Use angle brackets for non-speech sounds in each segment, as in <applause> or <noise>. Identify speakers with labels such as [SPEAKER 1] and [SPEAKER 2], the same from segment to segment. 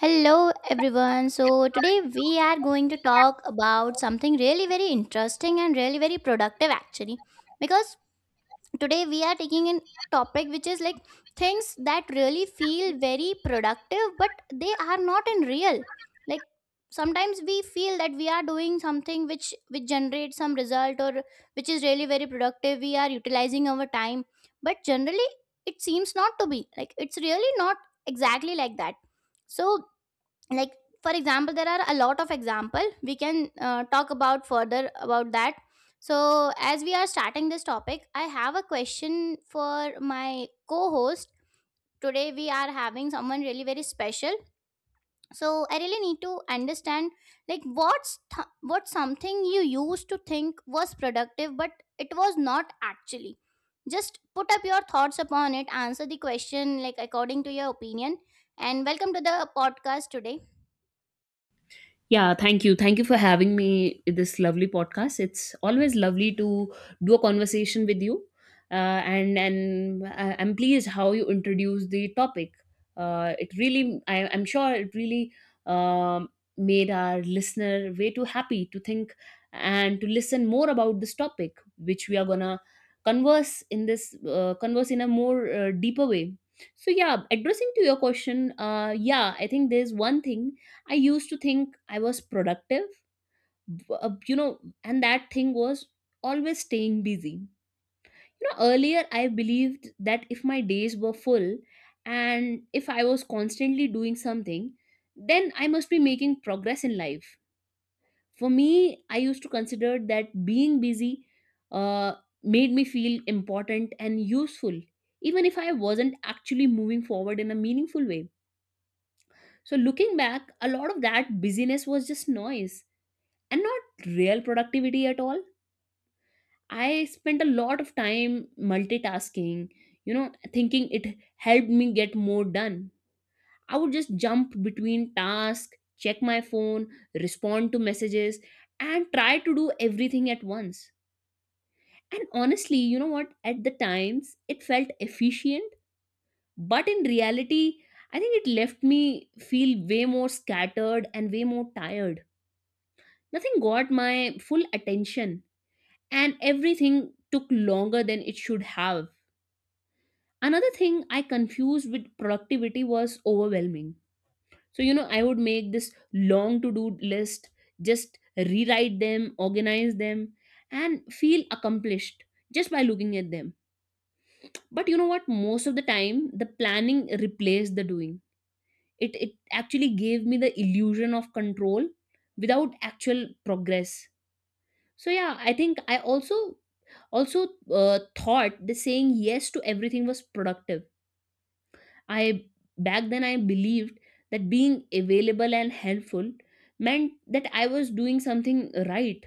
[SPEAKER 1] Hello everyone. So today we are going to talk about something really very interesting and really very productive actually. Because today we are taking a topic which is like things that really feel very productive but they are not in real. Like sometimes we feel that we are doing something which generates some result or which is really very productive. We are utilizing our time, but generally it seems not to be. Like it's really not exactly like that. So like for example there are a lot of example we can talk about further about that. So as we are starting this topic, I have a question for my co-host. Today we are having someone really very special, so I really need to understand like what's something you used to think was productive but it was not actually. Just put up your thoughts upon it, answer the question like according to your opinion, and welcome to the podcast today.
[SPEAKER 2] Yeah, thank you. Thank you for having me in this lovely podcast. It's always lovely to do a conversation with you. I'm pleased how you introduced the topic. I'm sure it really um, made our listener way too happy to think and to listen more about this topic, which we are gonna converse in this converse in a more deeper way. So yeah, addressing to your question, yeah, I think there's one thing I used to think I was productive, you know, and that thing was always staying busy. You know, earlier I believed that if my days were full and if I was constantly doing something, then I must be making progress in life. For me, I used to consider that being busy uh, made me feel important and useful, even if I wasn't actually moving forward in a meaningful way. So, looking back, a lot of that busyness was just noise and not real productivity at all. I spent a lot of time multitasking, you know, thinking it helped me get more done. I would just jump between tasks, check my phone, respond to messages, and try to do everything at once. And honestly, you know what, at the times it felt efficient, but in reality I think it left me feel way more scattered and way more tired. Nothing got my full attention, and everything took longer than it should have. Another thing I confused with productivity was overwhelming. So, you know, I would make this long to do list, just rewrite them, organize them, and feel accomplished just by looking at them. But you know what? Most of the time, the planning replaced the doing. It actually gave me the illusion of control without actual progress. So, yeah, I think I also thought that saying yes to everything was productive. I, back then I believed that being available and helpful meant that I was doing something right.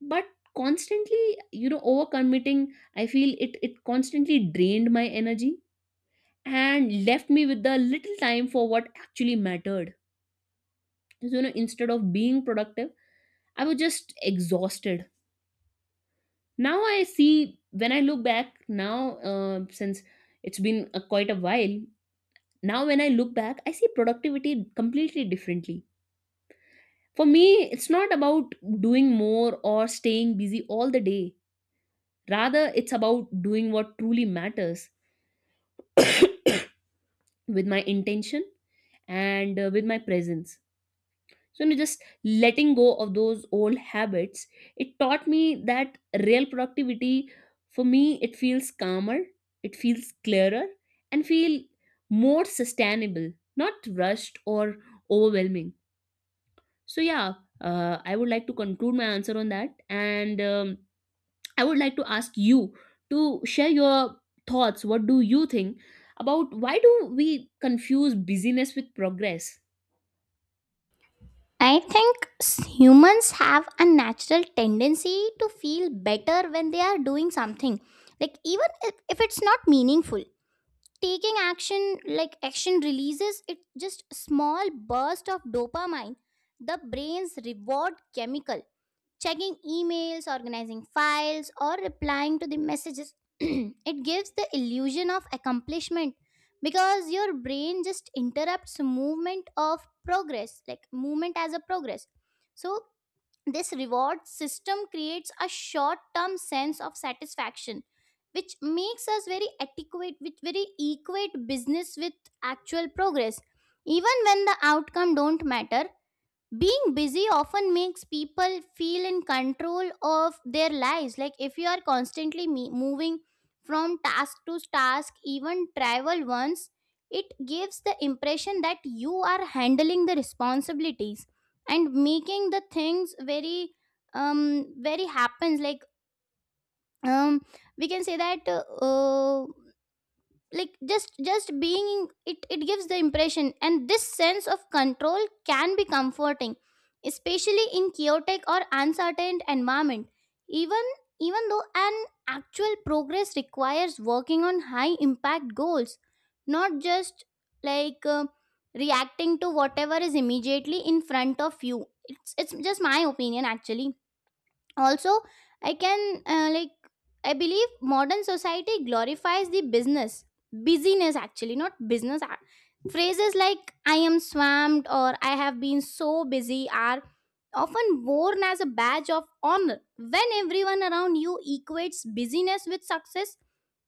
[SPEAKER 2] But constantly, you know, overcommitting, I feel it constantly drained my energy and left me with the little time for what actually mattered. So you know, instead of being productive, I was just exhausted. Now I see, when I look back now, since it's been a, quite a while now, when I look back I see productivity completely differently. For me, it's not about doing more or staying busy all the day, rather it's about doing what truly matters with my intention, and with my presence. So you know, just letting go of those old habits, it taught me that real productivity, for me it feels calmer, it feels clearer, and feel more sustainable, not rushed or overwhelming. So yeah, I would like to conclude my answer on that, and I would like to ask you to share your thoughts. What do you think about, why do we confuse busyness with progress?
[SPEAKER 1] I think humans have a natural tendency to feel better when they are doing something. Like even if it's not meaningful, taking action like action releases it just small burst of dopamine, the brain's reward chemical checking emails, organizing files, or replying to the messages. <clears throat> It gives the illusion of accomplishment because your brain just interrupts movement of progress, like movement as a progress. So, this reward system creates a short term sense of satisfaction which makes us very adequate with very equate business with actual progress even when the outcome don't matter. Being busy often makes people feel in control of their lives, like if you are constantly moving from task to task even travel once, it gives the impression that you are handling the responsibilities and making the things very very happens like um we can say that like just being it it gives the impression, and this sense of control can be comforting, especially in chaotic or uncertain environment. Even even though an actual progress requires working on high impact goals, not just like reacting to whatever is immediately in front of you. It's just my opinion actually. Also, I can like I believe modern society glorifies the business, busyness actually not business. Phrases like I am swamped or I have been so busy are often worn as a badge of honor. When everyone around you equates busyness with success,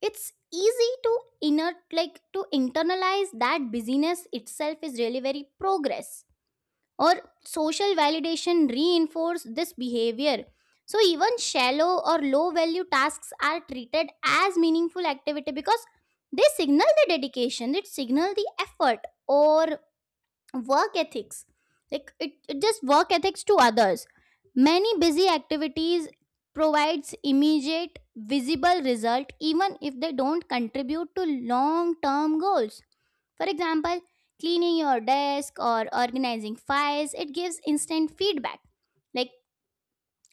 [SPEAKER 1] it's easy to inner, like to internalize that busyness itself is really very progress. Or social validation reinforce this behavior, so even shallow or low value tasks are treated as meaningful activity because they signal the dedication, it signal the effort or work ethics. Like it just work ethics to others. Many busy activities provides immediate visible result even if they don't contribute to long term goals. For example, cleaning your desk or organizing files, it gives instant feedback. Like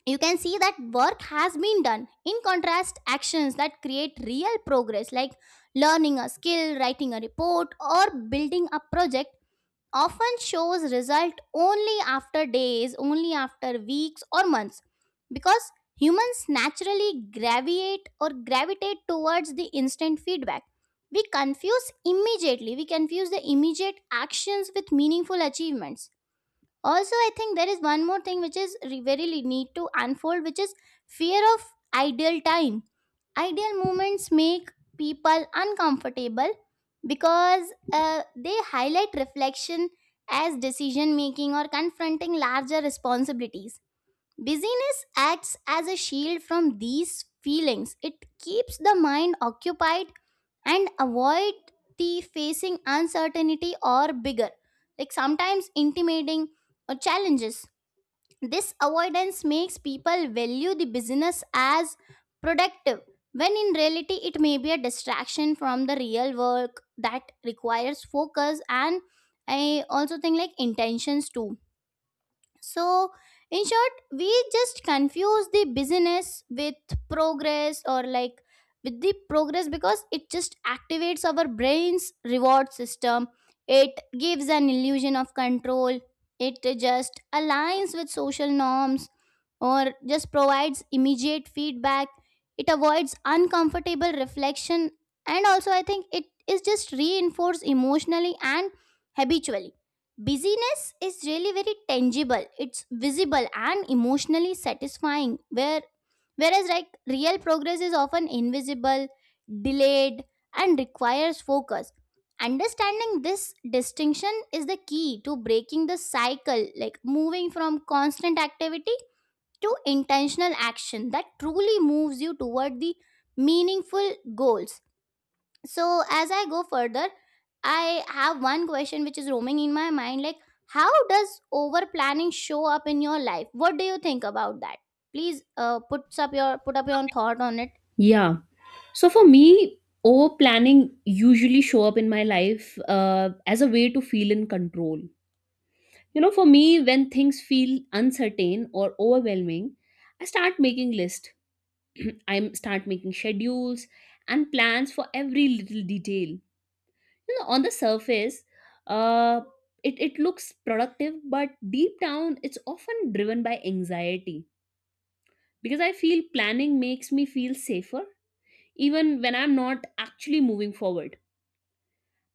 [SPEAKER 1] you can see that work has been done. In contrast, actions that create real progress, like learning a skill, writing a report, or building a project, often shows result only after days, only after weeks or months, because humans naturally gravitate or gravitate towards the instant feedback. We confuse immediately, we confuse the immediate actions with meaningful achievements. Also I think there is one more thing which is need to unfold, which is fear of ideal time. Ideal moments make people uncomfortable because they highlight reflection as decision making or confronting larger responsibilities. Busyness acts as a shield from these feelings. It keeps the mind occupied and avoid the facing uncertainty or bigger, like sometimes intimidating or challenges. This avoidance makes people value the business as productive when in reality it may be a distraction from the real work that requires focus and I also think like intentions too. So, in short, we just confuse the busyness with progress or like with the progress because it just activates our brain's reward system. It gives an illusion of control. It just aligns with social norms or just provides immediate feedback. It avoids uncomfortable reflection, and also I think it is just reinforced emotionally and habitually. Busyness is really very tangible, it's visible and emotionally satisfying, where whereas like real progress is often invisible, delayed, and requires focus. Understanding this distinction is the key to breaking the cycle, like moving from constant activity to intentional action that truly moves you toward the meaningful goals. So as I go further, I have one question which is roaming in my mind, like how does over planning show up in your life? What do you think about that? Please put up your thought on it.
[SPEAKER 2] Yeah. So for me, over planning usually show up in my life as a way to feel in control. You know, for me, when things feel uncertain or overwhelming, I start making lists. <clears throat> I start making schedules and plans for every little detail. You know, on the surface, uh, it looks productive, but deep down, it's often driven by anxiety because I feel planning makes me feel safer, even when I'm not actually moving forward.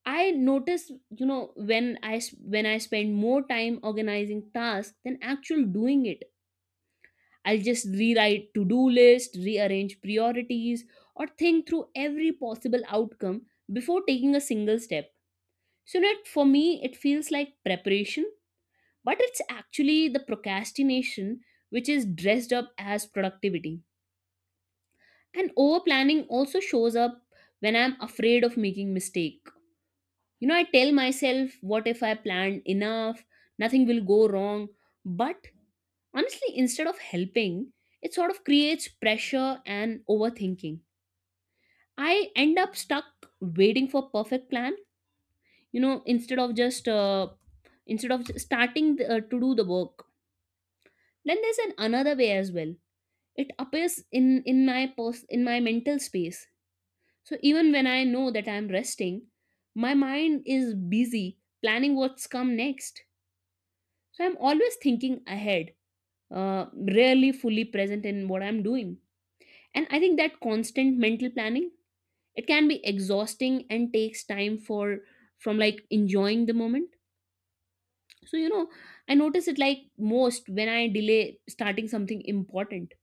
[SPEAKER 2] I notice, you know, when I spend more time organizing tasks than actual doing it, I'll just rewrite to-do list, rearrange priorities, or think through every possible outcome before taking a single step. So that for me it feels like preparation, but it's actually the procrastination, which is dressed up as productivity. And over planning also shows up when I'm afraid of making mistakes. You know, I tell myself, what if I planned enough? Nothing will go wrong. But honestly, instead of helping, it sort of creates pressure and overthinking. I end up stuck waiting for perfect plan, you know, instead of just instead of starting to do the work. Then there's an another way as well. It appears in in my mental space. So even when I know that I'm resting, my mind is busy planning what's come next. So I'm always thinking ahead, uh, rarely fully present in what I'm doing. And I think that constant mental planning, it can be exhausting and takes time for from like enjoying the moment. So you know, I notice it like most when I delay starting something important.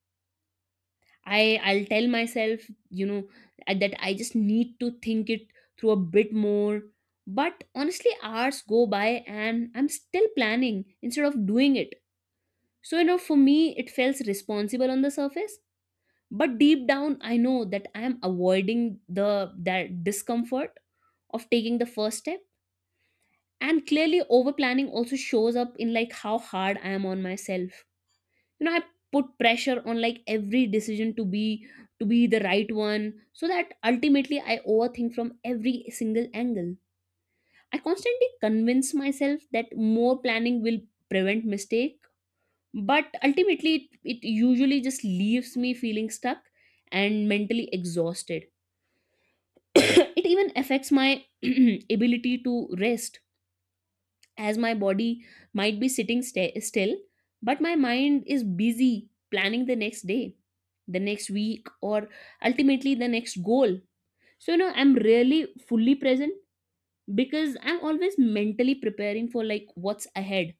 [SPEAKER 2] I'll tell myself, you know, that I just need to think it through a bit more. But honestly, hours go by and I'm still planning instead of doing it. So, you know, for me, it feels responsible on the surface, but deep down, I know that I am avoiding the that discomfort of taking the first step. And clearly, over planning also shows up in like how hard I am on myself. You know, I put pressure on like every decision to be the right one, so that ultimately I overthink from every single angle. I constantly convince myself that more planning will prevent mistake, but ultimately it usually just leaves me feeling stuck and mentally exhausted. <coughs> It even affects my <clears throat> ability to rest, as my body might be sitting still, but my mind is busy planning the next day, the next week, or ultimately the next goal. So you know, I'm really fully present because I'm always mentally preparing for like what's ahead.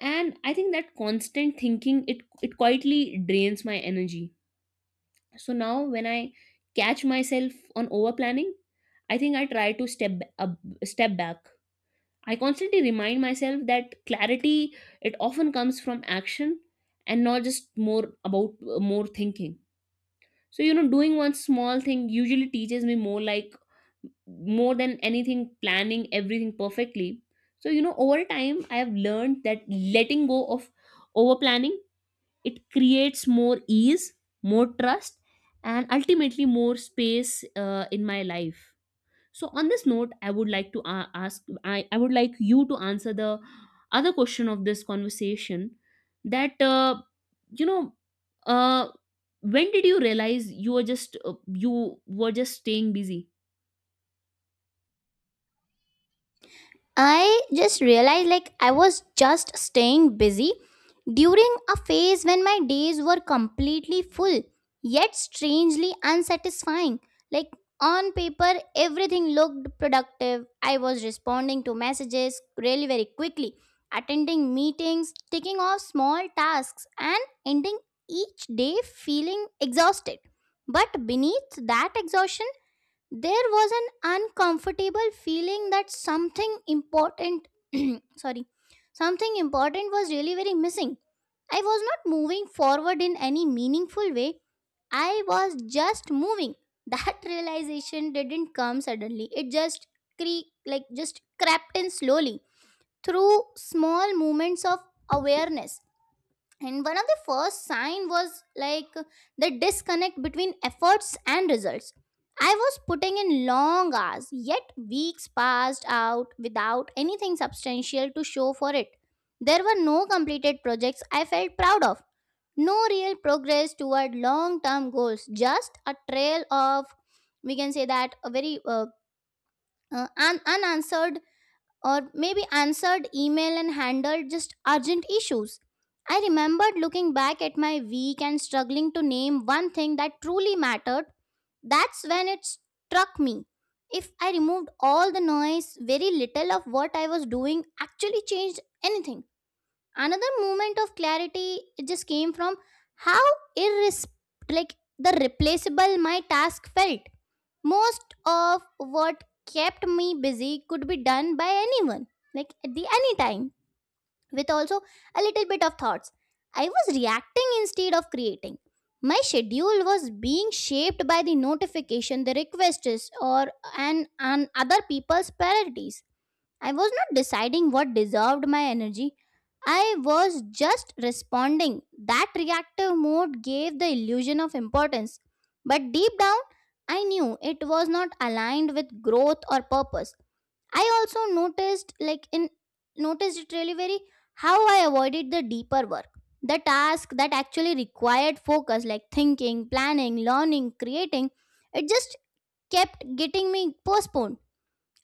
[SPEAKER 2] And I think that constant thinking, it quietly drains my energy. So now when I catch myself on over planning, I think I try to up, step back. I constantly remind myself that clarity, it often comes from action and not just more about more thinking. So you know, doing one small thing usually teaches me more than anything planning everything perfectly. So you know, over time I have learned that letting go of over planning, it creates more ease, more trust, and ultimately more space in my life. So on this note, I would like to ask I would like you to answer the other question of this conversation, that you know, uh, when did you realize you were just staying busy?
[SPEAKER 1] I just realized like I was just staying busy during a phase when my days were completely full, yet strangely unsatisfying. Like on paper, everything looked productive. I was responding to messages really very quickly, attending meetings, taking off small tasks, and ending each day feeling exhausted. But beneath that exhaustion, there was an uncomfortable feeling that something important <clears throat> sorry, something important was really very missing. I was not moving forward in any meaningful way, I was just moving. That <laughs> realization didn't come suddenly, it just just crept in slowly through small moments of awareness. And one of the first sign was like the disconnect between efforts and results. I was putting in long hours yet weeks passed out without anything substantial to show for it. There were no completed projects I felt proud of, no real progress toward long term goals, just a trail of, we can say that, a very unanswered or maybe answered email and handled just urgent issues. I remembered looking back at my week and struggling to name one thing that truly mattered. That's when it struck me. If I removed all the noise, very little of what I was doing actually changed anything. Another moment of clarity, it just came from how irres- the replaceable my task felt. Most of what kept me busy could be done by anyone, like at the any time, with also a little bit of thoughts. I was reacting instead of creating. My schedule was being shaped by the notification, the requests, or and other people's priorities. I was not deciding what deserved my energy. I was just responding. That reactive mode gave the illusion of importance. But deep down, I knew it was not aligned with growth or purpose. I also noticed, like, in noticed it really very how I avoided the deeper work. The task that actually required focus, like thinking, planning, learning, creating, it just kept getting me postponed.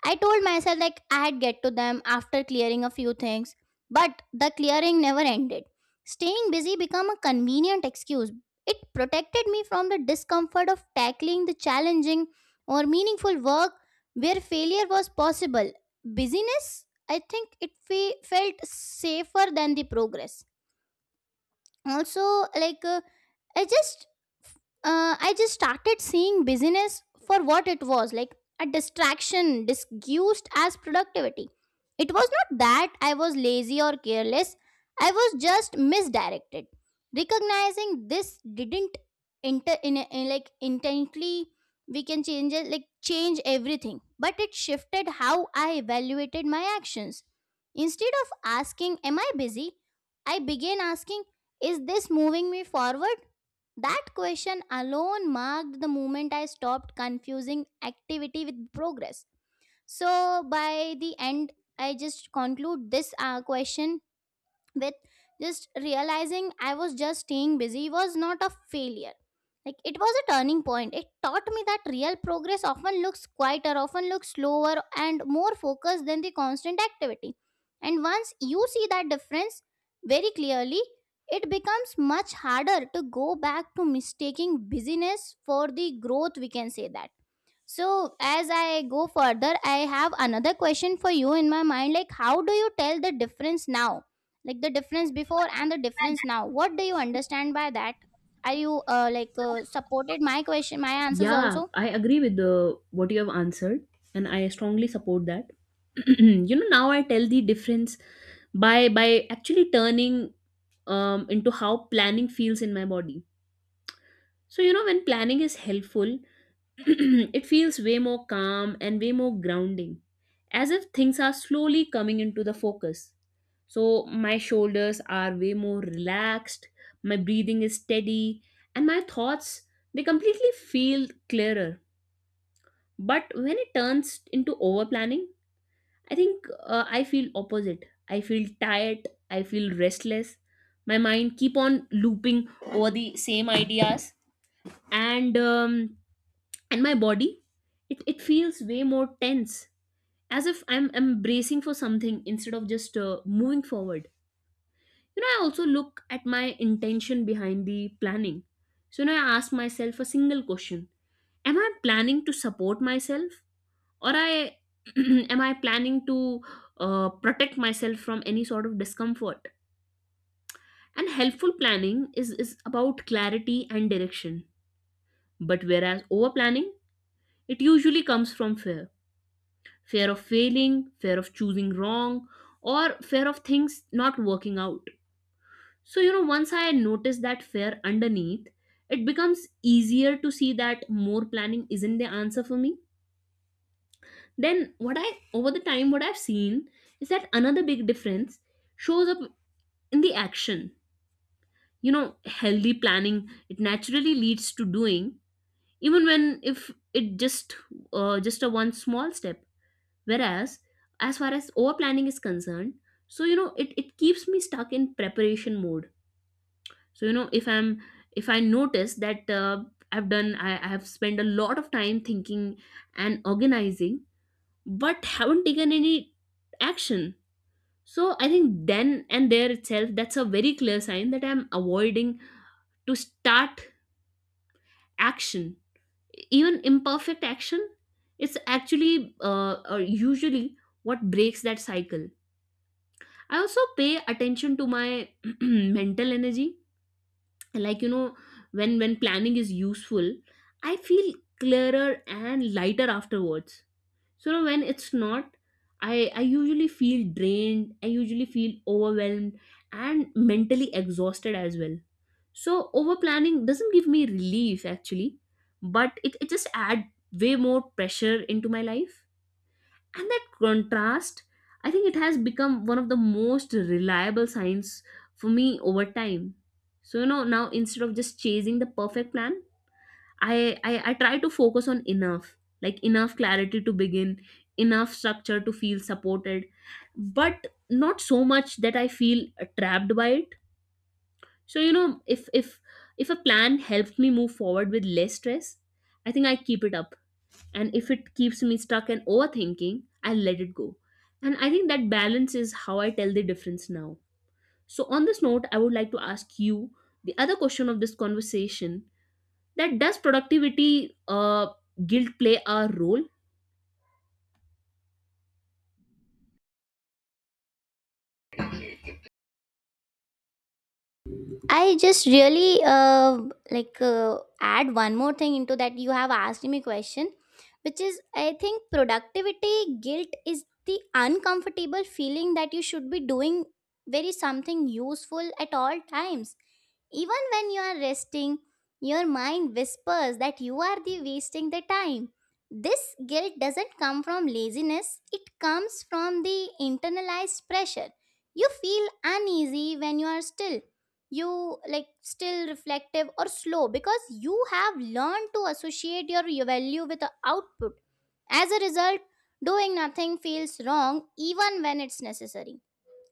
[SPEAKER 1] I told myself like I'd get to them after clearing a few things, but the clearing never ended. Staying busy became a convenient excuse. It protected me from the discomfort of tackling the challenging or meaningful work where failure was possible. Busyness, I think it felt safer than the progress. Also, like I just I just started seeing busyness for what it was, like a distraction disguised as productivity. It was not that I was lazy or careless, I was just misdirected. Recognizing this didn't inter in, a- in like intently, we can change it like change everything, but it shifted how I evaluated my actions. Instead of asking am I busy, I began asking is this moving me forward. That question alone marked the moment I stopped confusing activity with progress. So, by the end, I just conclude this question with just realizing I was just staying busy was not a failure. Like it was a turning point. It taught me that real progress often looks quieter, often looks slower, and more focused than the constant activity. And once you see that difference very clearly, it becomes much harder to go back to mistaking busyness for the growth, we can say that. So, as I go further, I have another question for you in my mind, like how do you tell the difference now? Like, the difference before and the difference now. What do you understand by that? Are you supported my question, my answers
[SPEAKER 2] Yeah,
[SPEAKER 1] also?
[SPEAKER 2] I agree with the what you have answered, and I strongly support that. <clears throat> You know, now I tell the difference by actually turning into how planning feels in my body. So, you know, when planning is helpful, <clears throat> it feels way more calm and way more grounding, as if things are slowly coming into the focus. So, my shoulders are way more relaxed, my breathing is steady, and my thoughts, they completely feel clearer. But when it turns into over planning, I think I feel opposite. I feel tired. I feel restless. My mind keep on looping over the same ideas, and um, and my body, it feels way more tense, as if I'm bracing for something instead of just moving forward. You know, I also look at my intention behind the planning. So now I ask myself a single question: Am I planning to support myself, or I <clears throat> am I planning to protect myself from any sort of discomfort? And helpful planning is about clarity and direction, but whereas over planning, it usually comes from fear. Fear of failing, fear of choosing wrong, or fear of things not working out. So you know, once I notice that fear underneath, it becomes easier to see that more planning isn't the answer for me. Then what I over the time what I've seen is that another big difference shows up in the action. You know, healthy planning, it naturally leads to doing, even when if it just a one small step. Whereas as far as over planning is concerned, so you know it keeps me stuck in preparation mode. So you know, if I'm, if I notice that I have spent a lot of time thinking and organizing but haven't taken any action. So I think then and there itself, that's a very clear sign that I'm avoiding to start action. Even imperfect action, it's actually usually what breaks that cycle. I also pay attention to my <clears throat> mental energy. Like, you know, when planning is useful, I feel clearer and lighter afterwards. So when it's not, I usually feel drained, I usually feel overwhelmed and mentally exhausted as well. So over planning doesn't give me relief actually, but it just adds way more pressure into my life. And that contrast, I think it has become one of the most reliable signs for me over time. So you know, now instead of just chasing the perfect plan, I try to focus on enough, like enough clarity to begin, enough structure to feel supported, but not so much that I feel trapped by it. So you know, if a plan helps me move forward with less stress, I think I keep it up. And if it keeps me stuck and overthinking, I let it go. And I think that balance is how I tell the difference now. So on this note, I would like to ask you the other question of this conversation: that does productivity guilt play a role?
[SPEAKER 1] I just really add one more thing into that. You have asked me question, which is I think productivity guilt is the uncomfortable feeling that you should be doing very something useful at all times. Even when you are resting, your mind whispers that you are the wasting the time. This guilt doesn't come from laziness, it comes from the internalized pressure. You feel uneasy when you are still, you like still reflective or slow, because you have learned to associate your value with the output. As a result, doing nothing feels wrong even when it's necessary.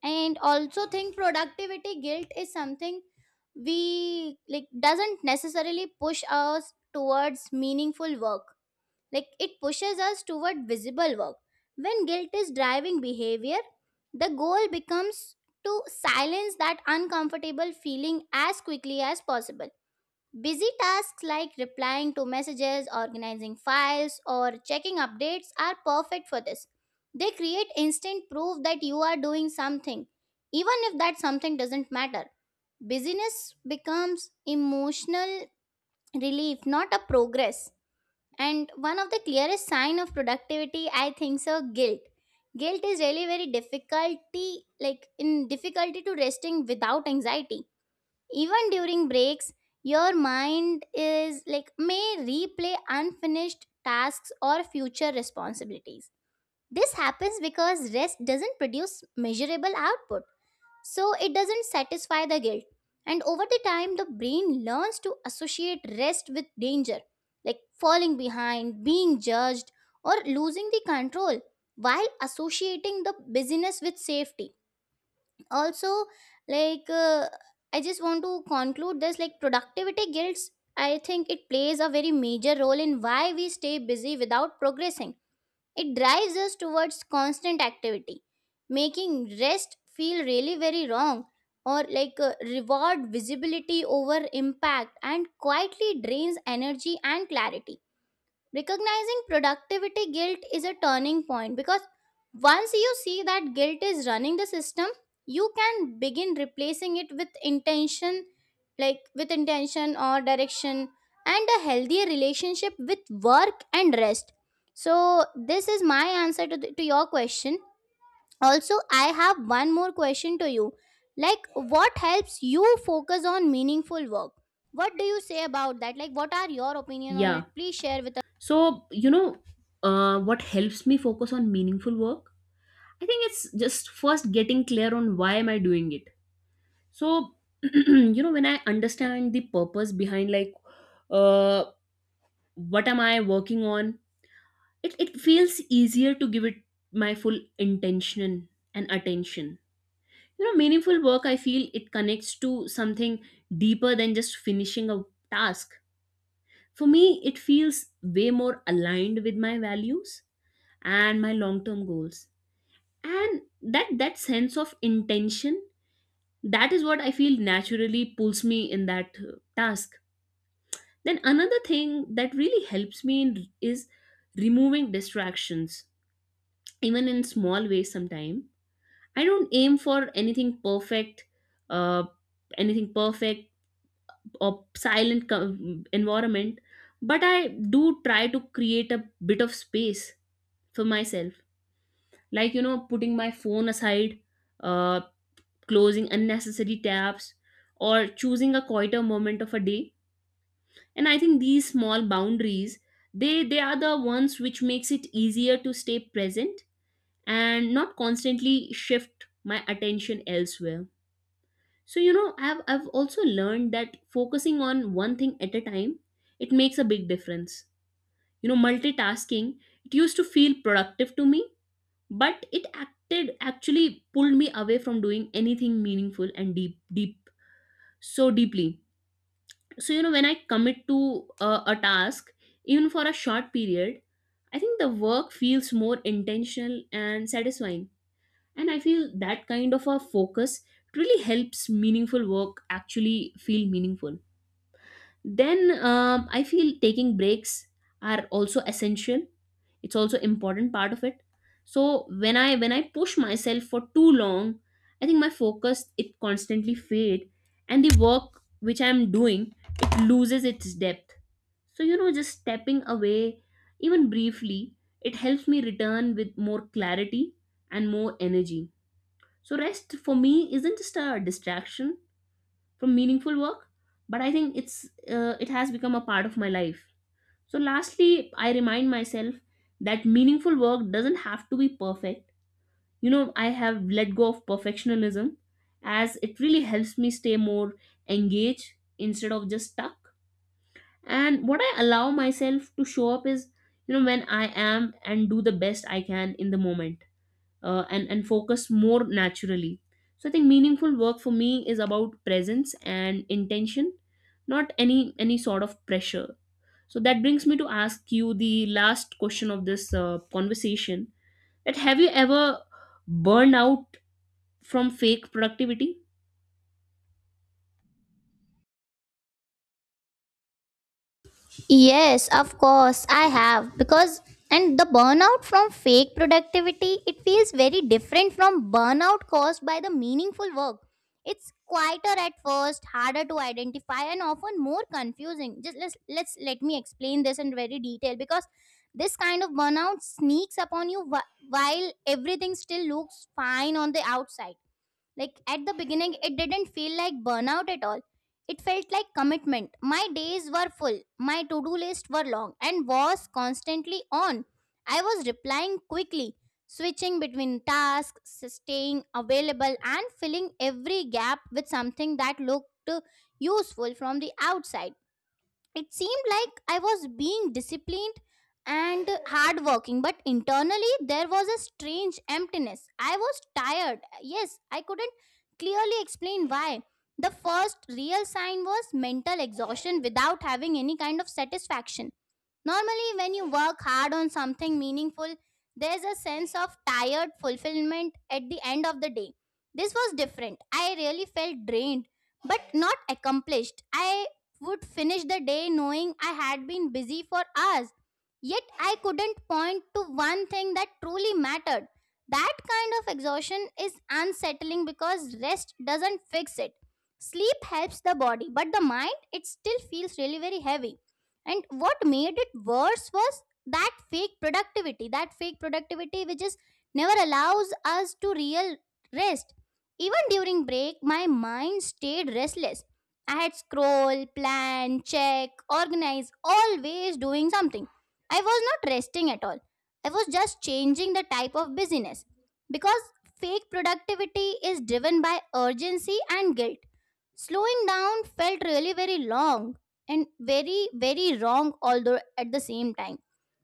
[SPEAKER 1] And also think productivity guilt is something we like doesn't necessarily push us towards meaningful work, like it pushes us toward visible work. When guilt is driving behavior, the goal becomes to silence that uncomfortable feeling as quickly as possible. Busy tasks like replying to messages, organizing files, or checking updates are perfect for this. They create instant proof that you are doing something, even if that something doesn't matter. Busyness becomes emotional relief, not a progress. And one of the clearest sign of productivity, I think so, guilt. Guilt is really very difficulty, like in difficulty to resting without anxiety. Even during breaks, your mind is like may replay unfinished tasks or future responsibilities. This happens because rest doesn't produce measurable output so it doesn't satisfy the guilt. And over the time, the brain learns to associate rest with danger, like falling behind, being judged, or losing the control, while associating the busyness with safety. Also, like uh, I just want to conclude this like productivity guilts. I think it plays a very major role in why we stay busy without progressing. It drives us towards constant activity, making rest feel really very wrong or reward visibility over impact and quietly drains energy and clarity. Recognizing productivity guilt is a turning point because once you see that guilt is running the system, you can begin replacing it with intention, like with intention or direction, and a healthier relationship with work and rest. So, this is my answer to your question. Also, I have one more question to you. Like, what helps you focus on meaningful work? What do you say about that? Like, what are your opinion on
[SPEAKER 2] Yeah.
[SPEAKER 1] it? Please share with.
[SPEAKER 2] So you know, what helps me focus on meaningful work? I think it's just first getting clear on why am I doing it. So <clears throat> you know, when I understand the purpose behind, like, uh, what am I working on, it feels easier to give it my full intention and attention. You know, meaningful work, I feel it connects to something deeper than just finishing a task. For me, it feels way more aligned with my values and my long-term goals. And that sense of intention, that is what I feel naturally pulls me in that task. Then another thing that really helps me in, is removing distractions, even in small ways sometimes. I don't aim for anything perfect, uh, anything perfect or silent co- environment, but I do try to create a bit of space for myself, like you know, putting my phone aside, uh, closing unnecessary tabs or choosing a quieter moment of a day. And I think these small boundaries, they are the ones which makes it easier to stay present and not constantly shift my attention elsewhere. So you know, I've also learned that focusing on one thing at a time, it makes a big difference. You know, multitasking, it used to feel productive to me, but it acted actually pulled me away from doing anything meaningful and deep so deeply. So you know, when I commit to a task, even for a short period, I think the work feels more intentional and satisfying. And I feel that kind of a focus really helps meaningful work actually feel meaningful. Then I feel taking breaks are also essential, it's also important part of it. So when I push myself for too long, I think my focus it constantly fade, and the work which I'm doing, it loses its depth. So you know, just stepping away, even briefly, it helps me return with more clarity and more energy. So rest for me isn't just a distraction from meaningful work, but I think it's, it has become a part of my life. So, lastly, I remind myself that meaningful work doesn't have to be perfect. You know, I have let go of perfectionism, as it really helps me stay more engaged instead of just stuck. And what I allow myself to show up is, you know, when I am and do the best I can in the moment, and focus more naturally. So, I think meaningful work for me is about presence and intention, not any sort of pressure. So that brings me to ask you the last question of this conversation. That have you ever burned out from fake productivity?
[SPEAKER 1] Yes, of course, I have. Because, and the burnout from fake productivity, it feels very different from burnout caused by the meaningful work. It's quieter at first, harder to identify, and often more confusing. Just let's let me explain this in very detail, because this kind of burnout sneaks upon you while everything still looks fine on the outside. Like at the beginning, it didn't feel like burnout at all. It felt like commitment. My days were full, my to do list were long, and was constantly on. I was replying quickly, switching between tasks, staying available, and filling every gap with something that looked useful from the outside. It seemed like I was being disciplined and hardworking, but internally there was a strange emptiness. I was tired. Yes, I couldn't clearly explain why. The first real sign was mental exhaustion without having any kind of satisfaction. Normally, when you work hard on something meaningful, there's a sense of tired fulfillment at the end of the day. This was different. I really felt drained but not accomplished. I would finish the day knowing I had been busy for hours, yet I couldn't point to one thing that truly mattered. That kind of exhaustion is unsettling because rest doesn't fix it. Sleep helps the body, but the mind, it still feels really very heavy. And what made it worse was that fake productivity which is never allows us to real rest. Even during break, my mind stayed restless. I had scroll, plan, check, organize, always doing something. I was not resting at all. I was just changing the type of busyness. Because fake productivity is driven by urgency and guilt. Slowing down felt really very long and very very wrong although at the same time,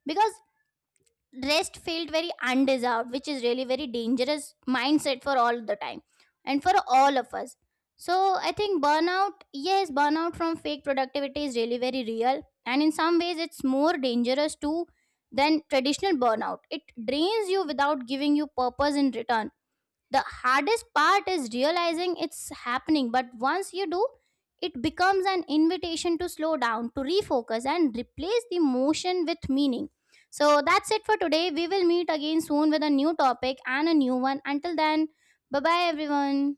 [SPEAKER 1] because rest felt very undeserved, which is really very dangerous mindset for all the time and for all of us. So I think burnout, yes, burnout from fake productivity is really very real, and in some ways it's more dangerous too than traditional burnout. It drains you without giving you purpose in return. The hardest part is realizing it's happening, but once you do, it becomes an invitation to slow down, to refocus and replace the motion with meaning. So that's it for today. We will meet again soon with a new topic and a new one. Until then, bye bye everyone.